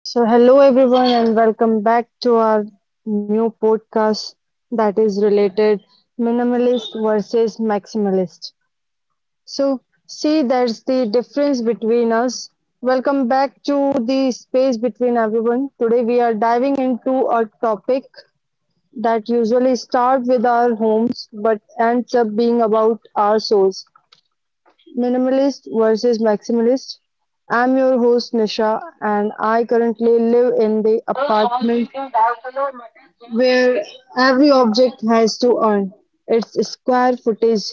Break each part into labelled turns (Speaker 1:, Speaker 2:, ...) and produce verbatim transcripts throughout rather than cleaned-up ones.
Speaker 1: So, hello everyone, and welcome back to our new podcast that is related minimalist versus maximalist. So, see, there's the difference between us. Welcome back to the space between everyone. Today, we are diving into a topic that usually starts with our homes but ends up being about our souls. Minimalist versus maximalist. I'm your host Nisha, and I currently live in the apartment where every object has to earn its square footage.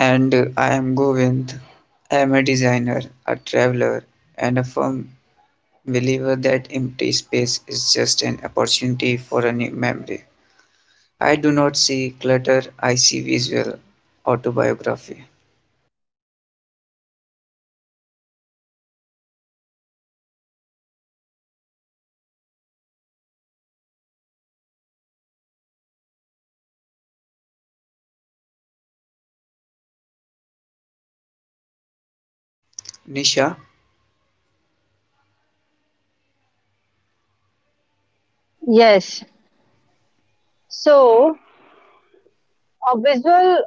Speaker 2: And uh, I am Govind. I am a designer, a traveler, and a firm believer that empty space is just an opportunity for a new memory. I do not see clutter, I see visual autobiography. Nisha,
Speaker 1: Yes. So, a visual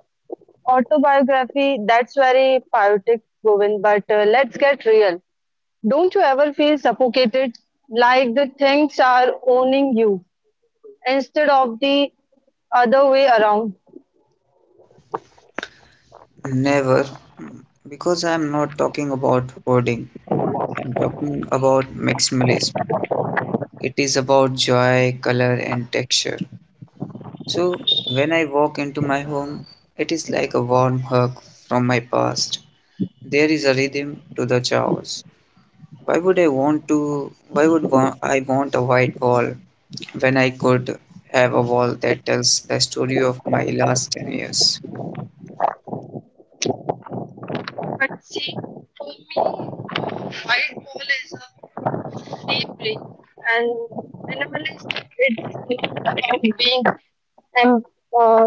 Speaker 1: autobiography, that's very poetic, Govind, but uh, let's get real. Don't you ever feel suffocated, like the things are owning you instead of the other way around?
Speaker 2: never, mm, because I am not talking about hoarding, I am talking about maximalism. It is about joy, color, and texture. So, when I walk into my home, it is like a warm hug from my past. There is a rhythm to the chaos. Why would I want to? Why would wa- I want a white wall when I could have a wall that tells the story of my last ten years?
Speaker 1: White hole is a deep brain, and minimalistic, it's about being em- uh,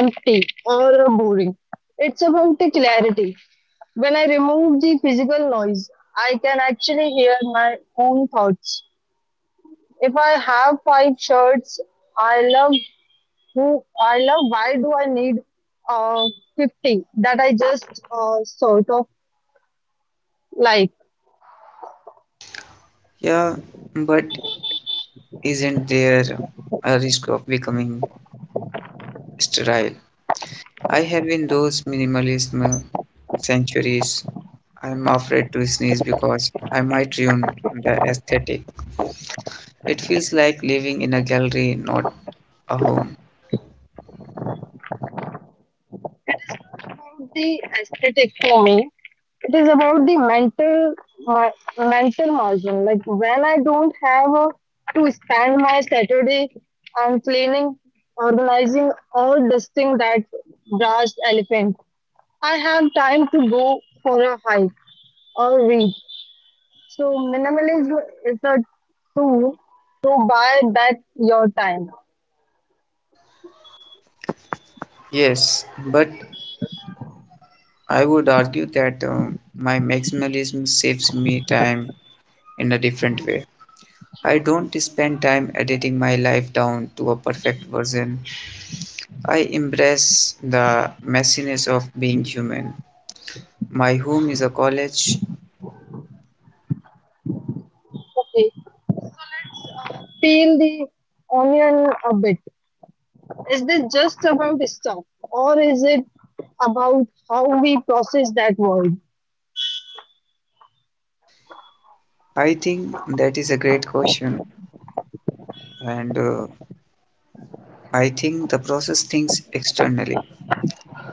Speaker 1: empty or uh, boring. It's about the clarity. When I remove the physical noise, I can actually hear my own thoughts. If I have five shirts I love, who I love, why do I need uh, fifty that I just uh, sort of like?
Speaker 2: Yeah, but isn't there a risk of becoming sterile? I have in those minimalism centuries. I'm afraid to sneeze because I might ruin the aesthetic. It feels like living in a gallery, not a home.
Speaker 1: About the aesthetic for me. It is about the mental my, mental margin. Like when I don't have uh, to spend my Saturday on cleaning, organizing, or dusting that brass elephant, I have time to go for a hike or read. So minimalism is a tool to buy back your time.
Speaker 2: Yes, but I would argue that um, my maximalism saves me time in a different way. I don't spend time editing my life down to a perfect version. I embrace the messiness of being human. My home is a college.
Speaker 1: Okay, peel the onion a bit. Is this just about stuff, or is it about how we process that word?
Speaker 2: I think that is a great question, and uh, I think the process thinks externally.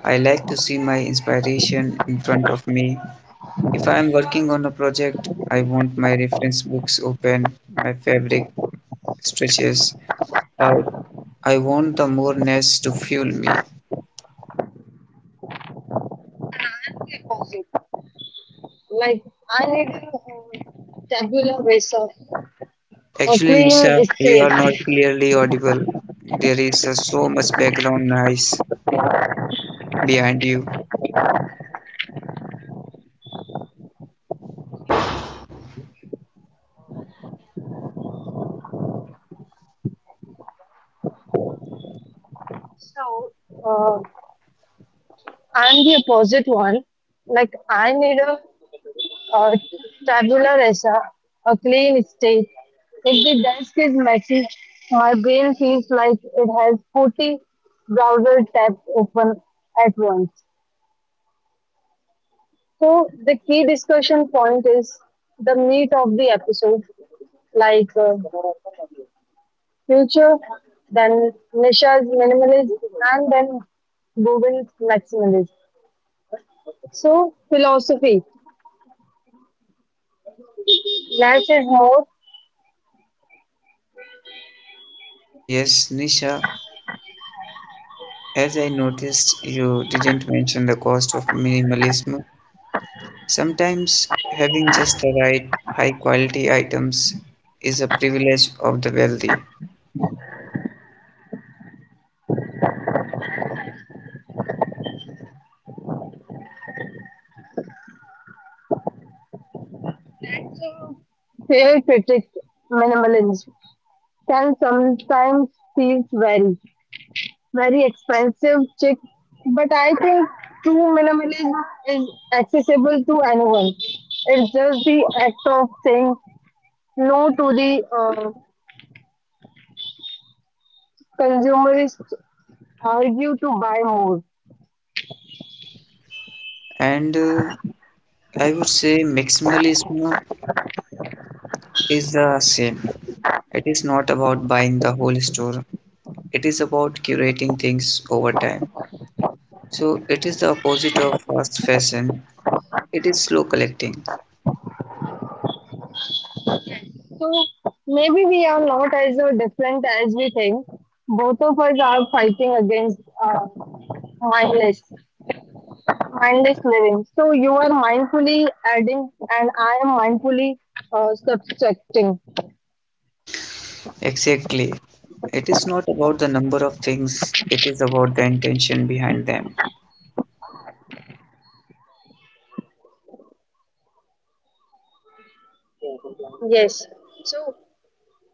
Speaker 2: I like to see my inspiration in front of me. If I am working on a project, I want my reference books open, my favorite stretches out. I want the more nest to fuel me.
Speaker 1: Like, I need a tabular razor, a
Speaker 2: Actually,
Speaker 1: clean
Speaker 2: Nisha, you are
Speaker 1: escape.
Speaker 2: not clearly audible. There is uh, so much background noise behind you.
Speaker 1: So, uh, I'm the opposite one. Like, I need a, a tabular razor, a clean state. If the desk is messy, my brain feels like it has forty browser tabs open at once. So the key discussion point is the meat of the episode, like uh, future, then Nisha's minimalism, and then Govin's maximalism. So philosophy, less is more.
Speaker 2: Yes, Nisha, as I noticed, you didn't mention the cost of minimalism. Sometimes having just the right high quality items is a privilege of the wealthy.
Speaker 1: Fair critic, minimalism can sometimes feel very, very expensive, chic, but I think true minimalism is accessible to anyone. It's just the act of saying no to the uh, consumerists argue to buy more.
Speaker 2: And uh, I would say maximalism is the same. It is not about buying the whole store. It is about curating things over time. So it is the opposite of fast fashion. It is slow collecting.
Speaker 1: So maybe we are not as uh, different as we think. Both of us are fighting against uh, mindless, mindless living. So you are mindfully adding, and I am mindfully uh, subtracting.
Speaker 2: Exactly. It is not about the number of things, it is about the intention behind them.
Speaker 1: Yes,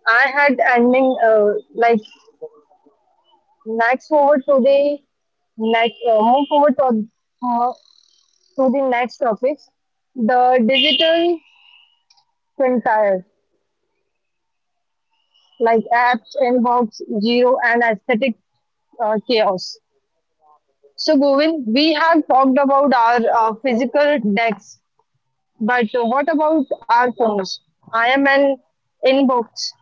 Speaker 1: I had ending uh, like next forward to the next uh, move forward to, uh, to the next topic, the digital quintile, like apps, inbox, geo, and aesthetic uh, chaos. So, Govind, we have talked about our uh, physical decks, but what about our phones? I am an inbox,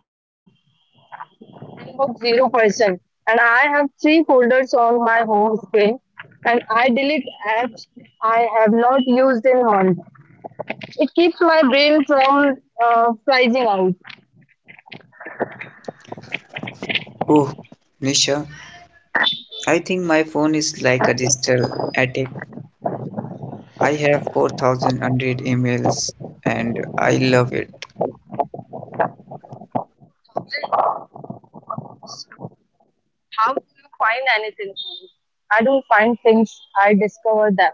Speaker 1: inbox zero person, and I have three folders on my home screen, and I delete apps I have not used in months. It keeps my brain from uh, pricing out.
Speaker 2: Oh, Nisha, I think my phone is like a digital attic. I have four thousand emails and I love it.
Speaker 1: How do you find anything? I don't find things, I discover them.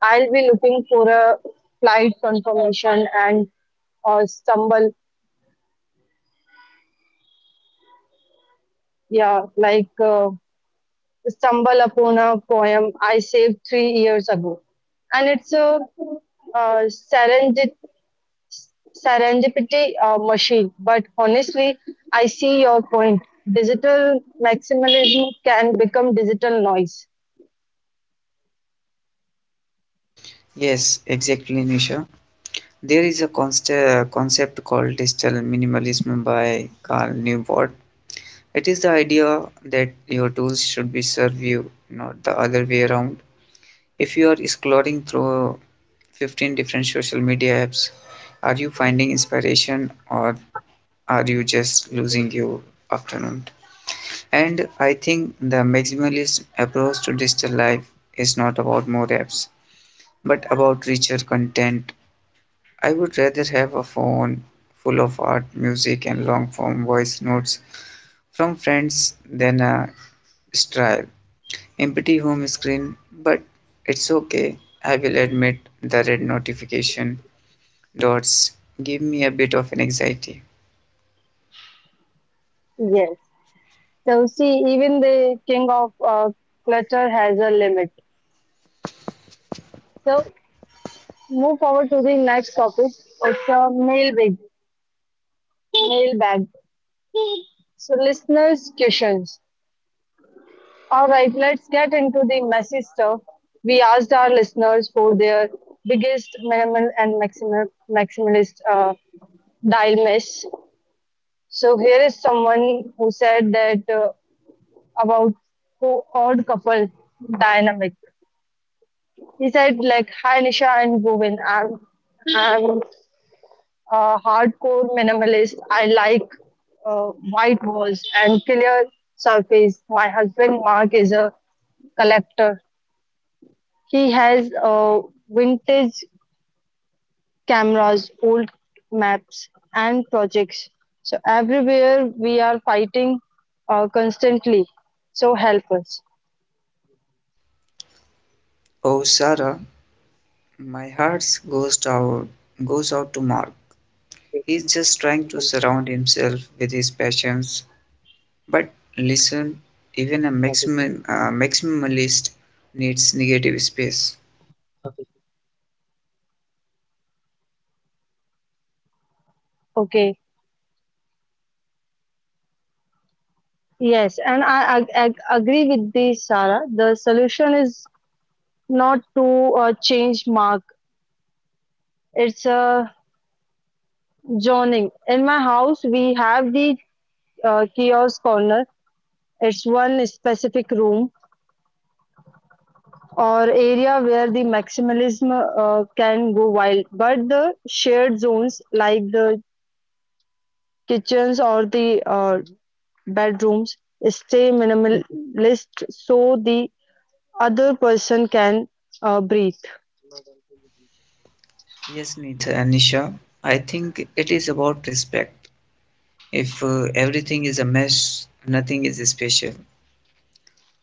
Speaker 1: I'll be looking for a flight confirmation and uh, stumble, yeah, like uh, stumble upon a poem I saved three years ago. And it's a uh, serendip- serendipity uh, machine. But honestly, I see your point. Digital maximalism can become digital noise.
Speaker 2: Yes, exactly, Nisha. There is a const- uh, concept called digital minimalism by Carl Newport. It is the idea that your tools should be serve you, not the other way around. If you are scrolling through fifteen different social media apps, are you finding inspiration or are you just losing your afternoon? And I think the maximalist approach to digital life is not about more apps, but about richer content. I would rather have a phone full of art, music, and long form voice notes from friends than a strive empty home screen, but it's okay. I will admit the red notification dots give me a bit of an anxiety.
Speaker 1: Yes. So see, even the king of uh, clutter has a limit. So move forward to the next topic. It's a mailbag. Mailbag. So listeners' questions. All right, let's get into the messy stuff. We asked our listeners for their biggest minimal and maximal maximalist uh, dial miss. So here is someone who said that uh, about co- odd couple dynamic. He said like, "Hi Nisha and Bhuvan, I'm I'm a hardcore minimalist. I like uh, white walls and clear surface. My husband Mark is a collector. He has uh, vintage cameras, old maps, and projects. So everywhere we are fighting uh, constantly. So help us.
Speaker 2: Oh, Sarah, my heart goes out, goes out to Mark. He's just trying to surround himself with his passions. But listen, even a maximum uh, maximalist needs negative space.
Speaker 1: Okay. Yes, and I ag ag agree with this, Sarah. The solution is not to uh, change Mark. It's a zoning. In my house, we have the uh, kiosk corner. It's one specific room or area where the maximalism uh, can go wild. But the shared zones like the kitchens or the uh, bedrooms stay minimalist so the other person can uh, breathe.
Speaker 2: Yes, Nisha, I think it is about respect. If uh, everything is a mess, nothing is special.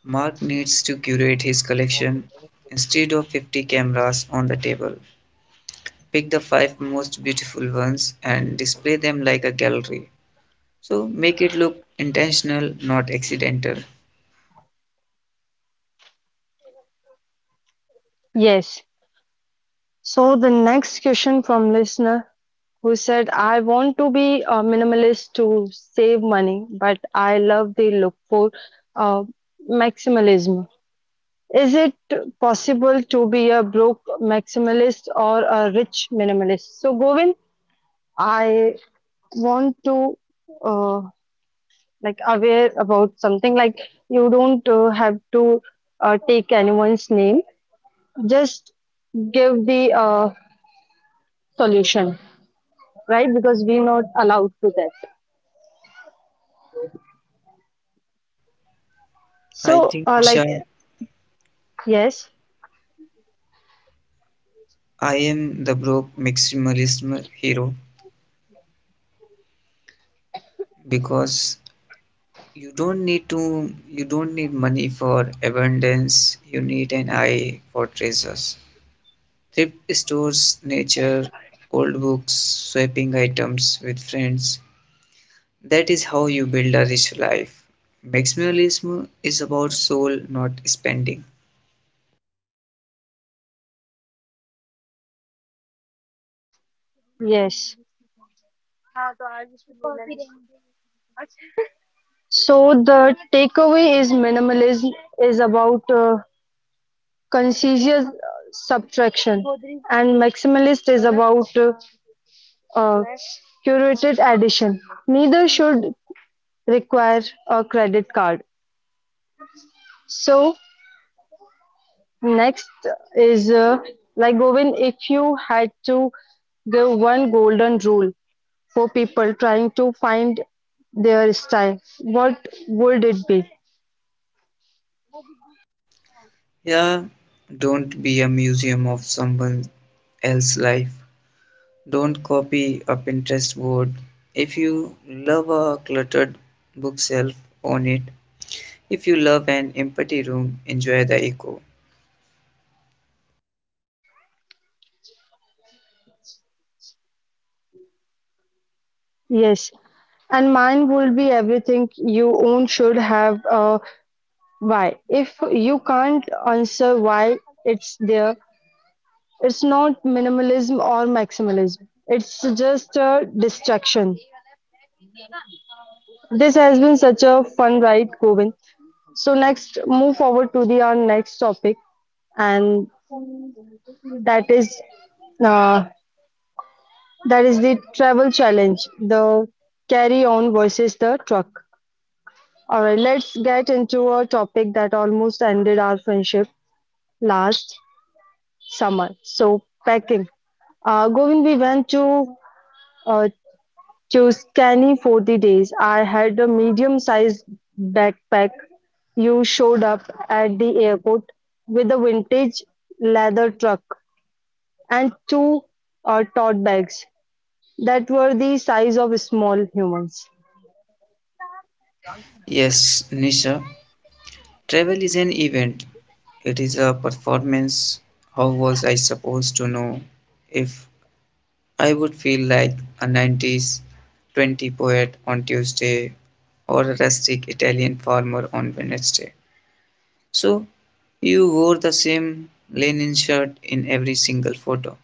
Speaker 2: Mark needs to curate his collection. Instead of fifty cameras on the table, pick the five most beautiful ones and display them like a gallery. So make it look intentional, not accidental.
Speaker 1: Yes. So the next question from listener who said, I want to be a minimalist to save money, but I love the look for uh, maximalism. Is it possible to be a broke maximalist or a rich minimalist? So, Govind, I want to uh, like aware about something like you don't uh, have to uh, take anyone's name, just give the uh, solution, right? Because we're not allowed to that.
Speaker 2: I
Speaker 1: So,
Speaker 2: think,
Speaker 1: uh, like
Speaker 2: Nisha,
Speaker 1: yes,
Speaker 2: I am the broke maximalist hero because you don't need to, you don't need money for abundance, you need an eye for treasures. Thrift stores, nature, old books, swapping items with friends, that is how you build a rich life. Maximalism is about soul, not spending.
Speaker 1: yes. So the takeaway is minimalism is about uh, conscious uh, subtraction, and maximalist is about uh, uh, curated addition. Neither should require a credit card. So next is uh, like Govind, if you had to give one golden rule for people trying to find their style, what would it be?
Speaker 2: Yeah, don't be a museum of someone else's life. Don't copy a Pinterest board. If you love a cluttered bookshelf, own it. If you love an empty room, enjoy the echo.
Speaker 1: Yes, and mine would be everything you own should have a why. If you can't answer why it's there, it's not minimalism or maximalism. It's just a distraction. This has been such a fun ride, Govind. So next, move forward to the our next topic, and that is uh, that is the travel challenge, the carry on versus the truck. All right, let's get into a topic that almost ended our friendship last summer. So, packing. Uh, Govind, we went to uh, Tuscany for the days. I had a medium-sized backpack. You showed up at the airport with a vintage leather truck and two uh, tote bags that were the size of small humans.
Speaker 2: Yes, Nisha, travel is an event. It is a performance. How was I supposed to know if I would feel like a nineties twenty poet on Tuesday or a rustic Italian farmer on Wednesday. So, you wore the same linen shirt in every single photo.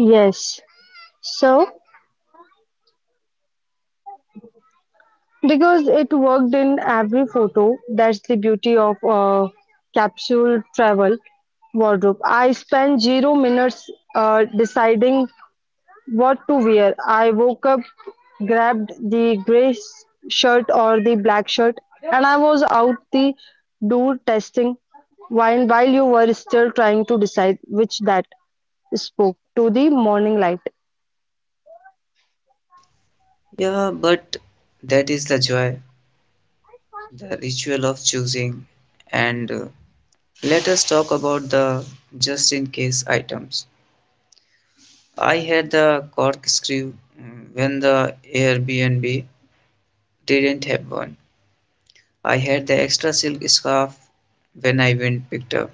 Speaker 1: Yes. So. Because it worked in every photo. That's the beauty of uh, capsule travel wardrobe. I spent zero minutes uh, deciding what to wear. I woke up, grabbed the gray s- shirt or the black shirt, and I was out the door testing wine while you were still trying to decide which that spoke to the morning light.
Speaker 2: Yeah, but that is the joy, the ritual of choosing. And uh, let us talk about the just in case items. I had the corkscrew mm, when the Airbnb didn't have one. I had the extra silk scarf when I went picked up.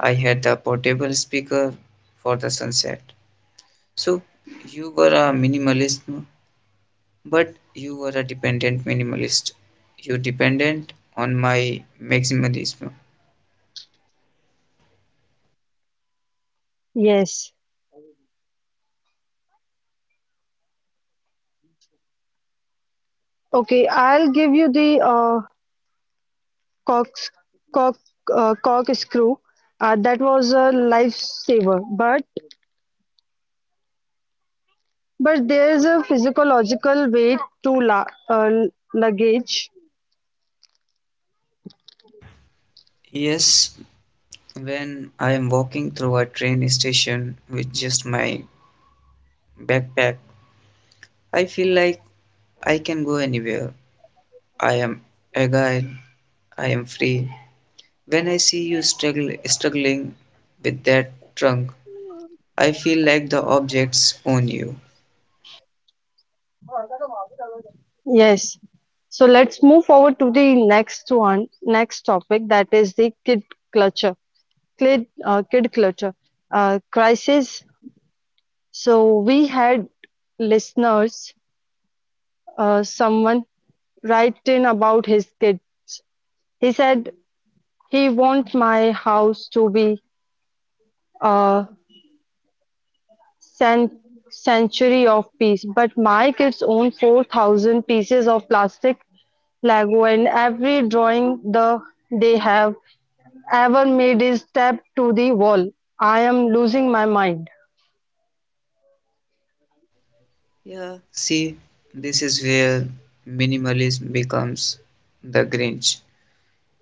Speaker 2: I had the portable speaker for the sunset. So you were a minimalist, no? But you were a dependent minimalist. You dependent on my maximalism.
Speaker 1: Yes. Okay, I'll give you the uh, Cox, cock, uh, corkscrew, uh, that was a lifesaver. But but there's a physiological weight to la uh, luggage.
Speaker 2: Yes, when I am walking through a train station with just my backpack, I feel like I can go anywhere. I am agile. I am free. When I see you struggle, struggling with that trunk, I feel like the objects own you.
Speaker 1: Yes. So let's move forward to the next one, next topic that is the kid clutter, kid uh, kid clutter uh, crisis. So we had listeners, uh, someone write in about his kids. He said he wants my house to be uh, cen century of piece, but my kids own four thousand pieces of plastic Lego, and every drawing the they have ever made is tapped to the wall. I am losing my mind.
Speaker 2: Yeah, see, this is where minimalism becomes the Grinch.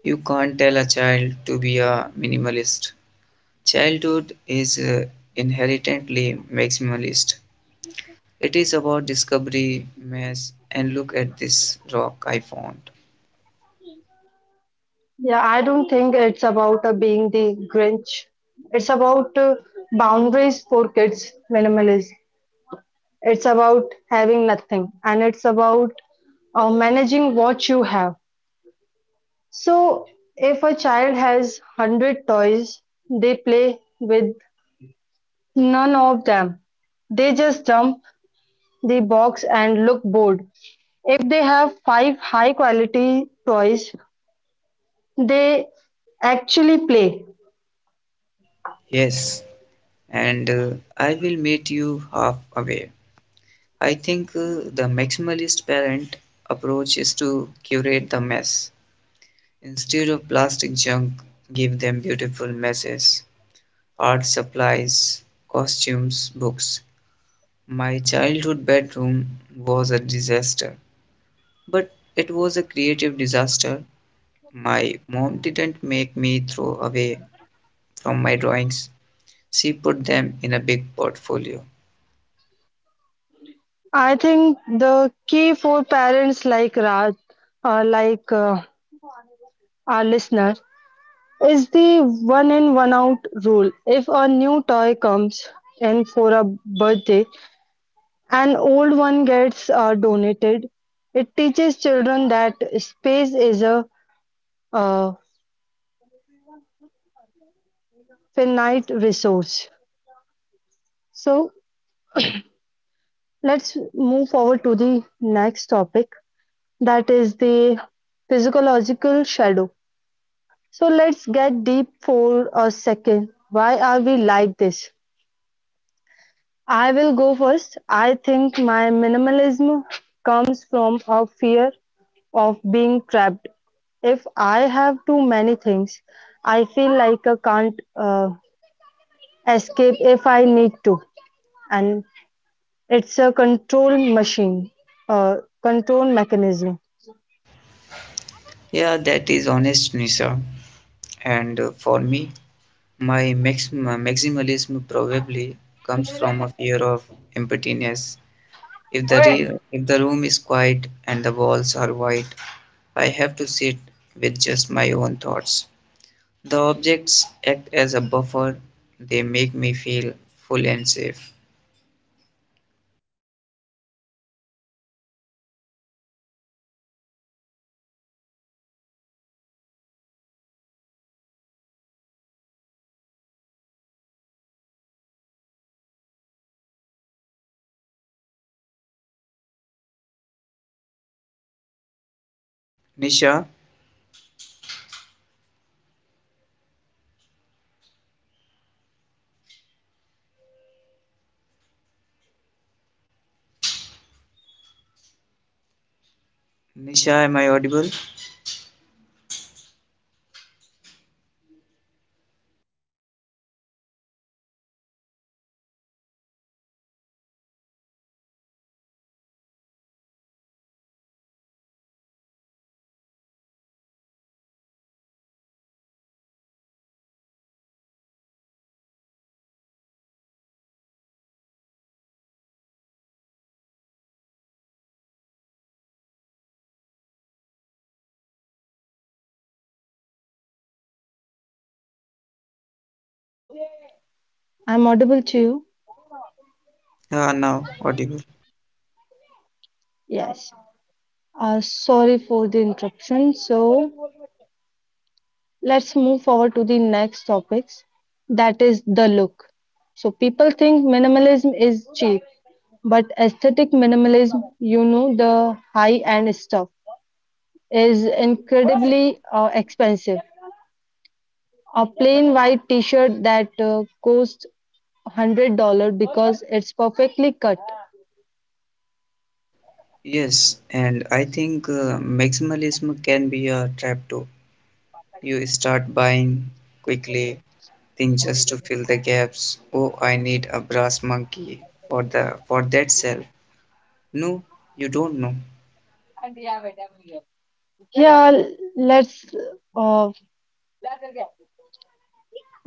Speaker 2: You can't tell a child to be a minimalist. Childhood is uh, inherently maximalist. It is about discovery, mess, and look at this rock I found.
Speaker 1: Yeah, I don't think it's about uh, being the Grinch. It's about uh, boundaries for kids, minimalism. It's about having nothing, and it's about uh, managing what you have. So, if a child has one hundred toys, they play with none of them. They just dump the box and look bored. If they have five high quality toys, they actually play.
Speaker 2: Yes, and uh, I will meet you halfway. I think uh, the maximalist parent approach is to curate the mess. Instead of plastic junk, give them beautiful messes, art supplies, costumes, books. My childhood bedroom was a disaster, but it was a creative disaster. My mom didn't make me throw away from my drawings, she put them in a big portfolio.
Speaker 1: I think the key for parents like Raj, uh, like uh, our listener, is the one in one out rule. If a new toy comes in for a birthday, an old one gets uh, donated. It teaches children that space is a uh, finite resource. So let's move forward to the next topic that is the physiological shadow. So let's get deep for a second. Why are we like this? I will go first. I think my minimalism comes from a fear of being trapped. If I have too many things, I feel like I can't uh, escape if I need to. And it's a control machine, uh, control mechanism.
Speaker 2: Yeah, that is honest, Nisa. And uh, for me, my max- maximalism probably comes from a fear of emptiness. If the re- if the room is quiet and the walls are white, I have to sit with just my own thoughts. The objects act as a buffer. They make me feel full and safe. Nisha, Nisha, am I audible?
Speaker 1: I'm audible to you?
Speaker 2: Ah, now audible.
Speaker 1: Yes. Uh, sorry for the interruption. So, let's move forward to the next topics that is the look. So people think minimalism is cheap, but aesthetic minimalism, you know, the high end stuff is incredibly uh, expensive. A plain white t-shirt that uh, costs one hundred dollar because it's perfectly cut.
Speaker 2: Yes, and I think uh, maximalism can be a trap too. You start buying quickly thing just to fill the gaps. Oh, I need a brass monkey for the for that cell. No, you don't know.
Speaker 1: Yeah, let's uh,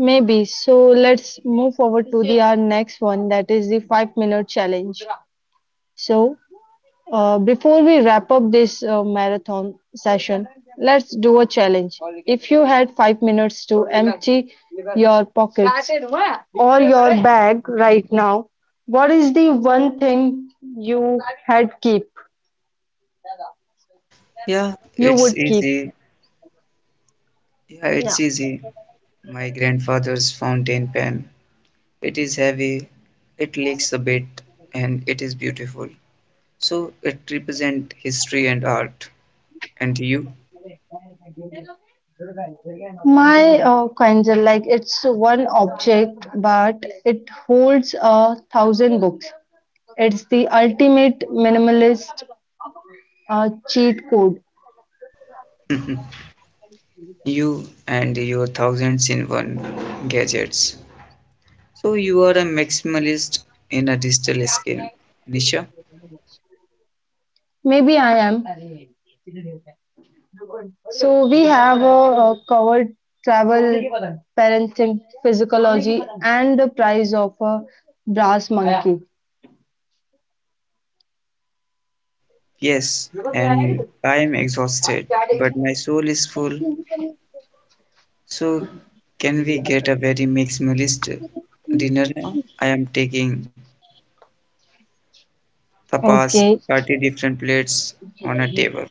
Speaker 1: maybe, so let's move forward to the our next one that is the five minute challenge. So Uh, before we wrap up this uh, marathon session, let's do a challenge. If you had five minutes to empty your pockets or your bag right now, what is the one thing you had keep
Speaker 2: Yeah,
Speaker 1: you
Speaker 2: it's
Speaker 1: would keep?
Speaker 2: easy. Yeah, it's easy. My grandfather's fountain pen. It is heavy, it leaks a bit, and it is beautiful. So it represents history and art. And you?
Speaker 1: My uh, kinds like it's one object, but it holds a thousand books. It's the ultimate minimalist uh, cheat code.
Speaker 2: You and your thousands in one gadgets. So you are a maximalist in a digital skin. Nisha?
Speaker 1: Maybe I am. So we have uh, uh, covered travel, parenting, physiology, and the price of a brass monkey.
Speaker 2: Yes, and I am exhausted, but my soul is full. So, can we get a very minimalist dinner now? I am taking tapas,
Speaker 1: Okay,
Speaker 2: thirty different plates on a table.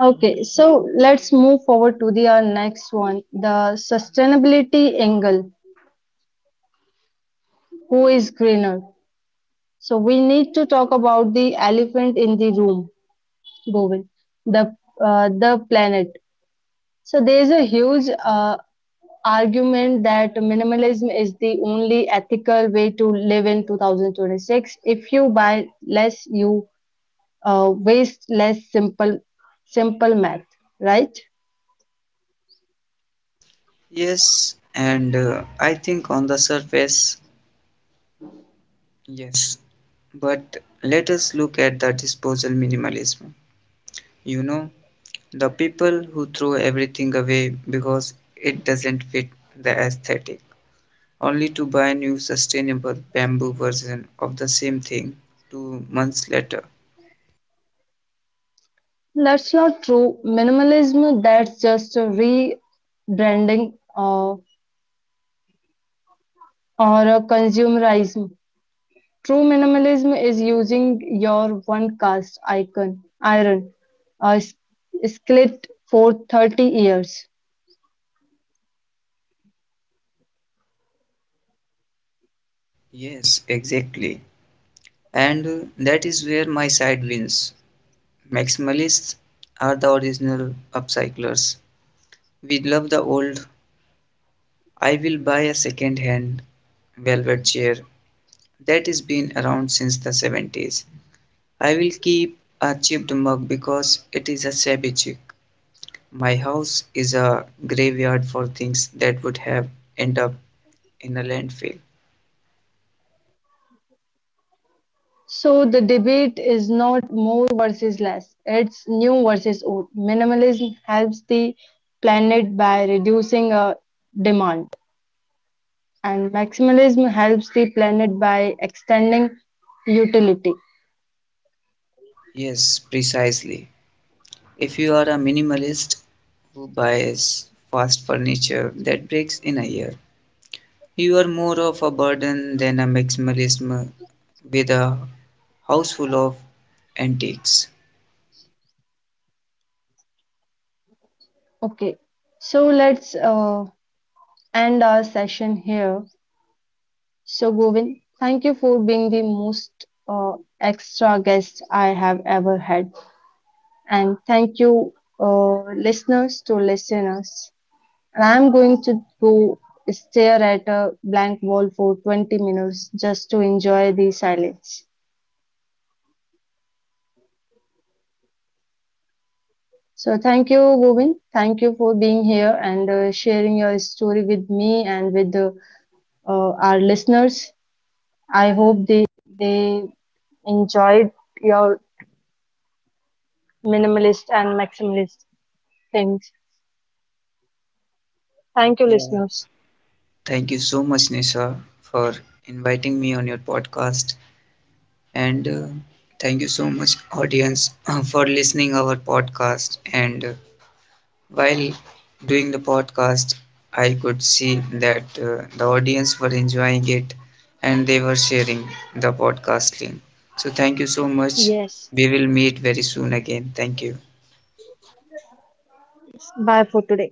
Speaker 1: okay. So let's move forward to the our next one, the sustainability angle. Who is greener? So we need to talk about the elephant in the room, Govind, the uh, the planet. So there is a huge uh, argument that minimalism is the only ethical way to live in two thousand twenty-six. If you buy less, you uh, waste less. Simple, simple math, right?
Speaker 2: Yes, and uh, I think on the surface, yes. But let us look at the disposal minimalism. You know, the people who throw everything away because it doesn't fit the aesthetic, only to buy a new sustainable bamboo version of the same thing two months later.
Speaker 1: That's not true. Minimalism, that's just a rebranding uh, or a consumerism. True minimalism is using your one cast icon iron, uh, skillet for thirty years.
Speaker 2: Yes, exactly. And uh, that is where my side wins. Maximalists are the original upcyclers. We love the old, I will buy a second hand velvet chair that has been around since the seventies. I will keep a chipped mug because it is a shabby chic. My house is a graveyard for things that would have end up in a landfill.
Speaker 1: So the debate is not more versus less, it's new versus old. Minimalism helps the planet by reducing uh, demand, and maximalism helps the planet by extending utility.
Speaker 2: Yes, precisely. If you are a minimalist who buys fast furniture that breaks in a year, you are more of a burden than a maximalist m- with a house full of antiques.
Speaker 1: Okay, so let's uh, end our session here. So, Govind, thank you for being the most uh, extra guest I have ever had, and thank you, uh, listeners, to listeners. And I'm going to go stare at a blank wall for twenty minutes just to enjoy the silence. So thank you, Govind. Thank you for being here and uh, sharing your story with me and with uh, uh, our listeners. I hope they they enjoyed your minimalist and maximalist things. Thank you,
Speaker 2: Yeah,
Speaker 1: listeners.
Speaker 2: thank you so much, Nisha, for inviting me on your podcast, and uh, thank you so much, audience, for listening our podcast and. Uh, While doing the podcast, I could see that uh, the audience were enjoying it and they were sharing the podcast link. So, thank you so much.
Speaker 1: Yes.
Speaker 2: We will meet very soon again. Thank you.
Speaker 1: Bye for today.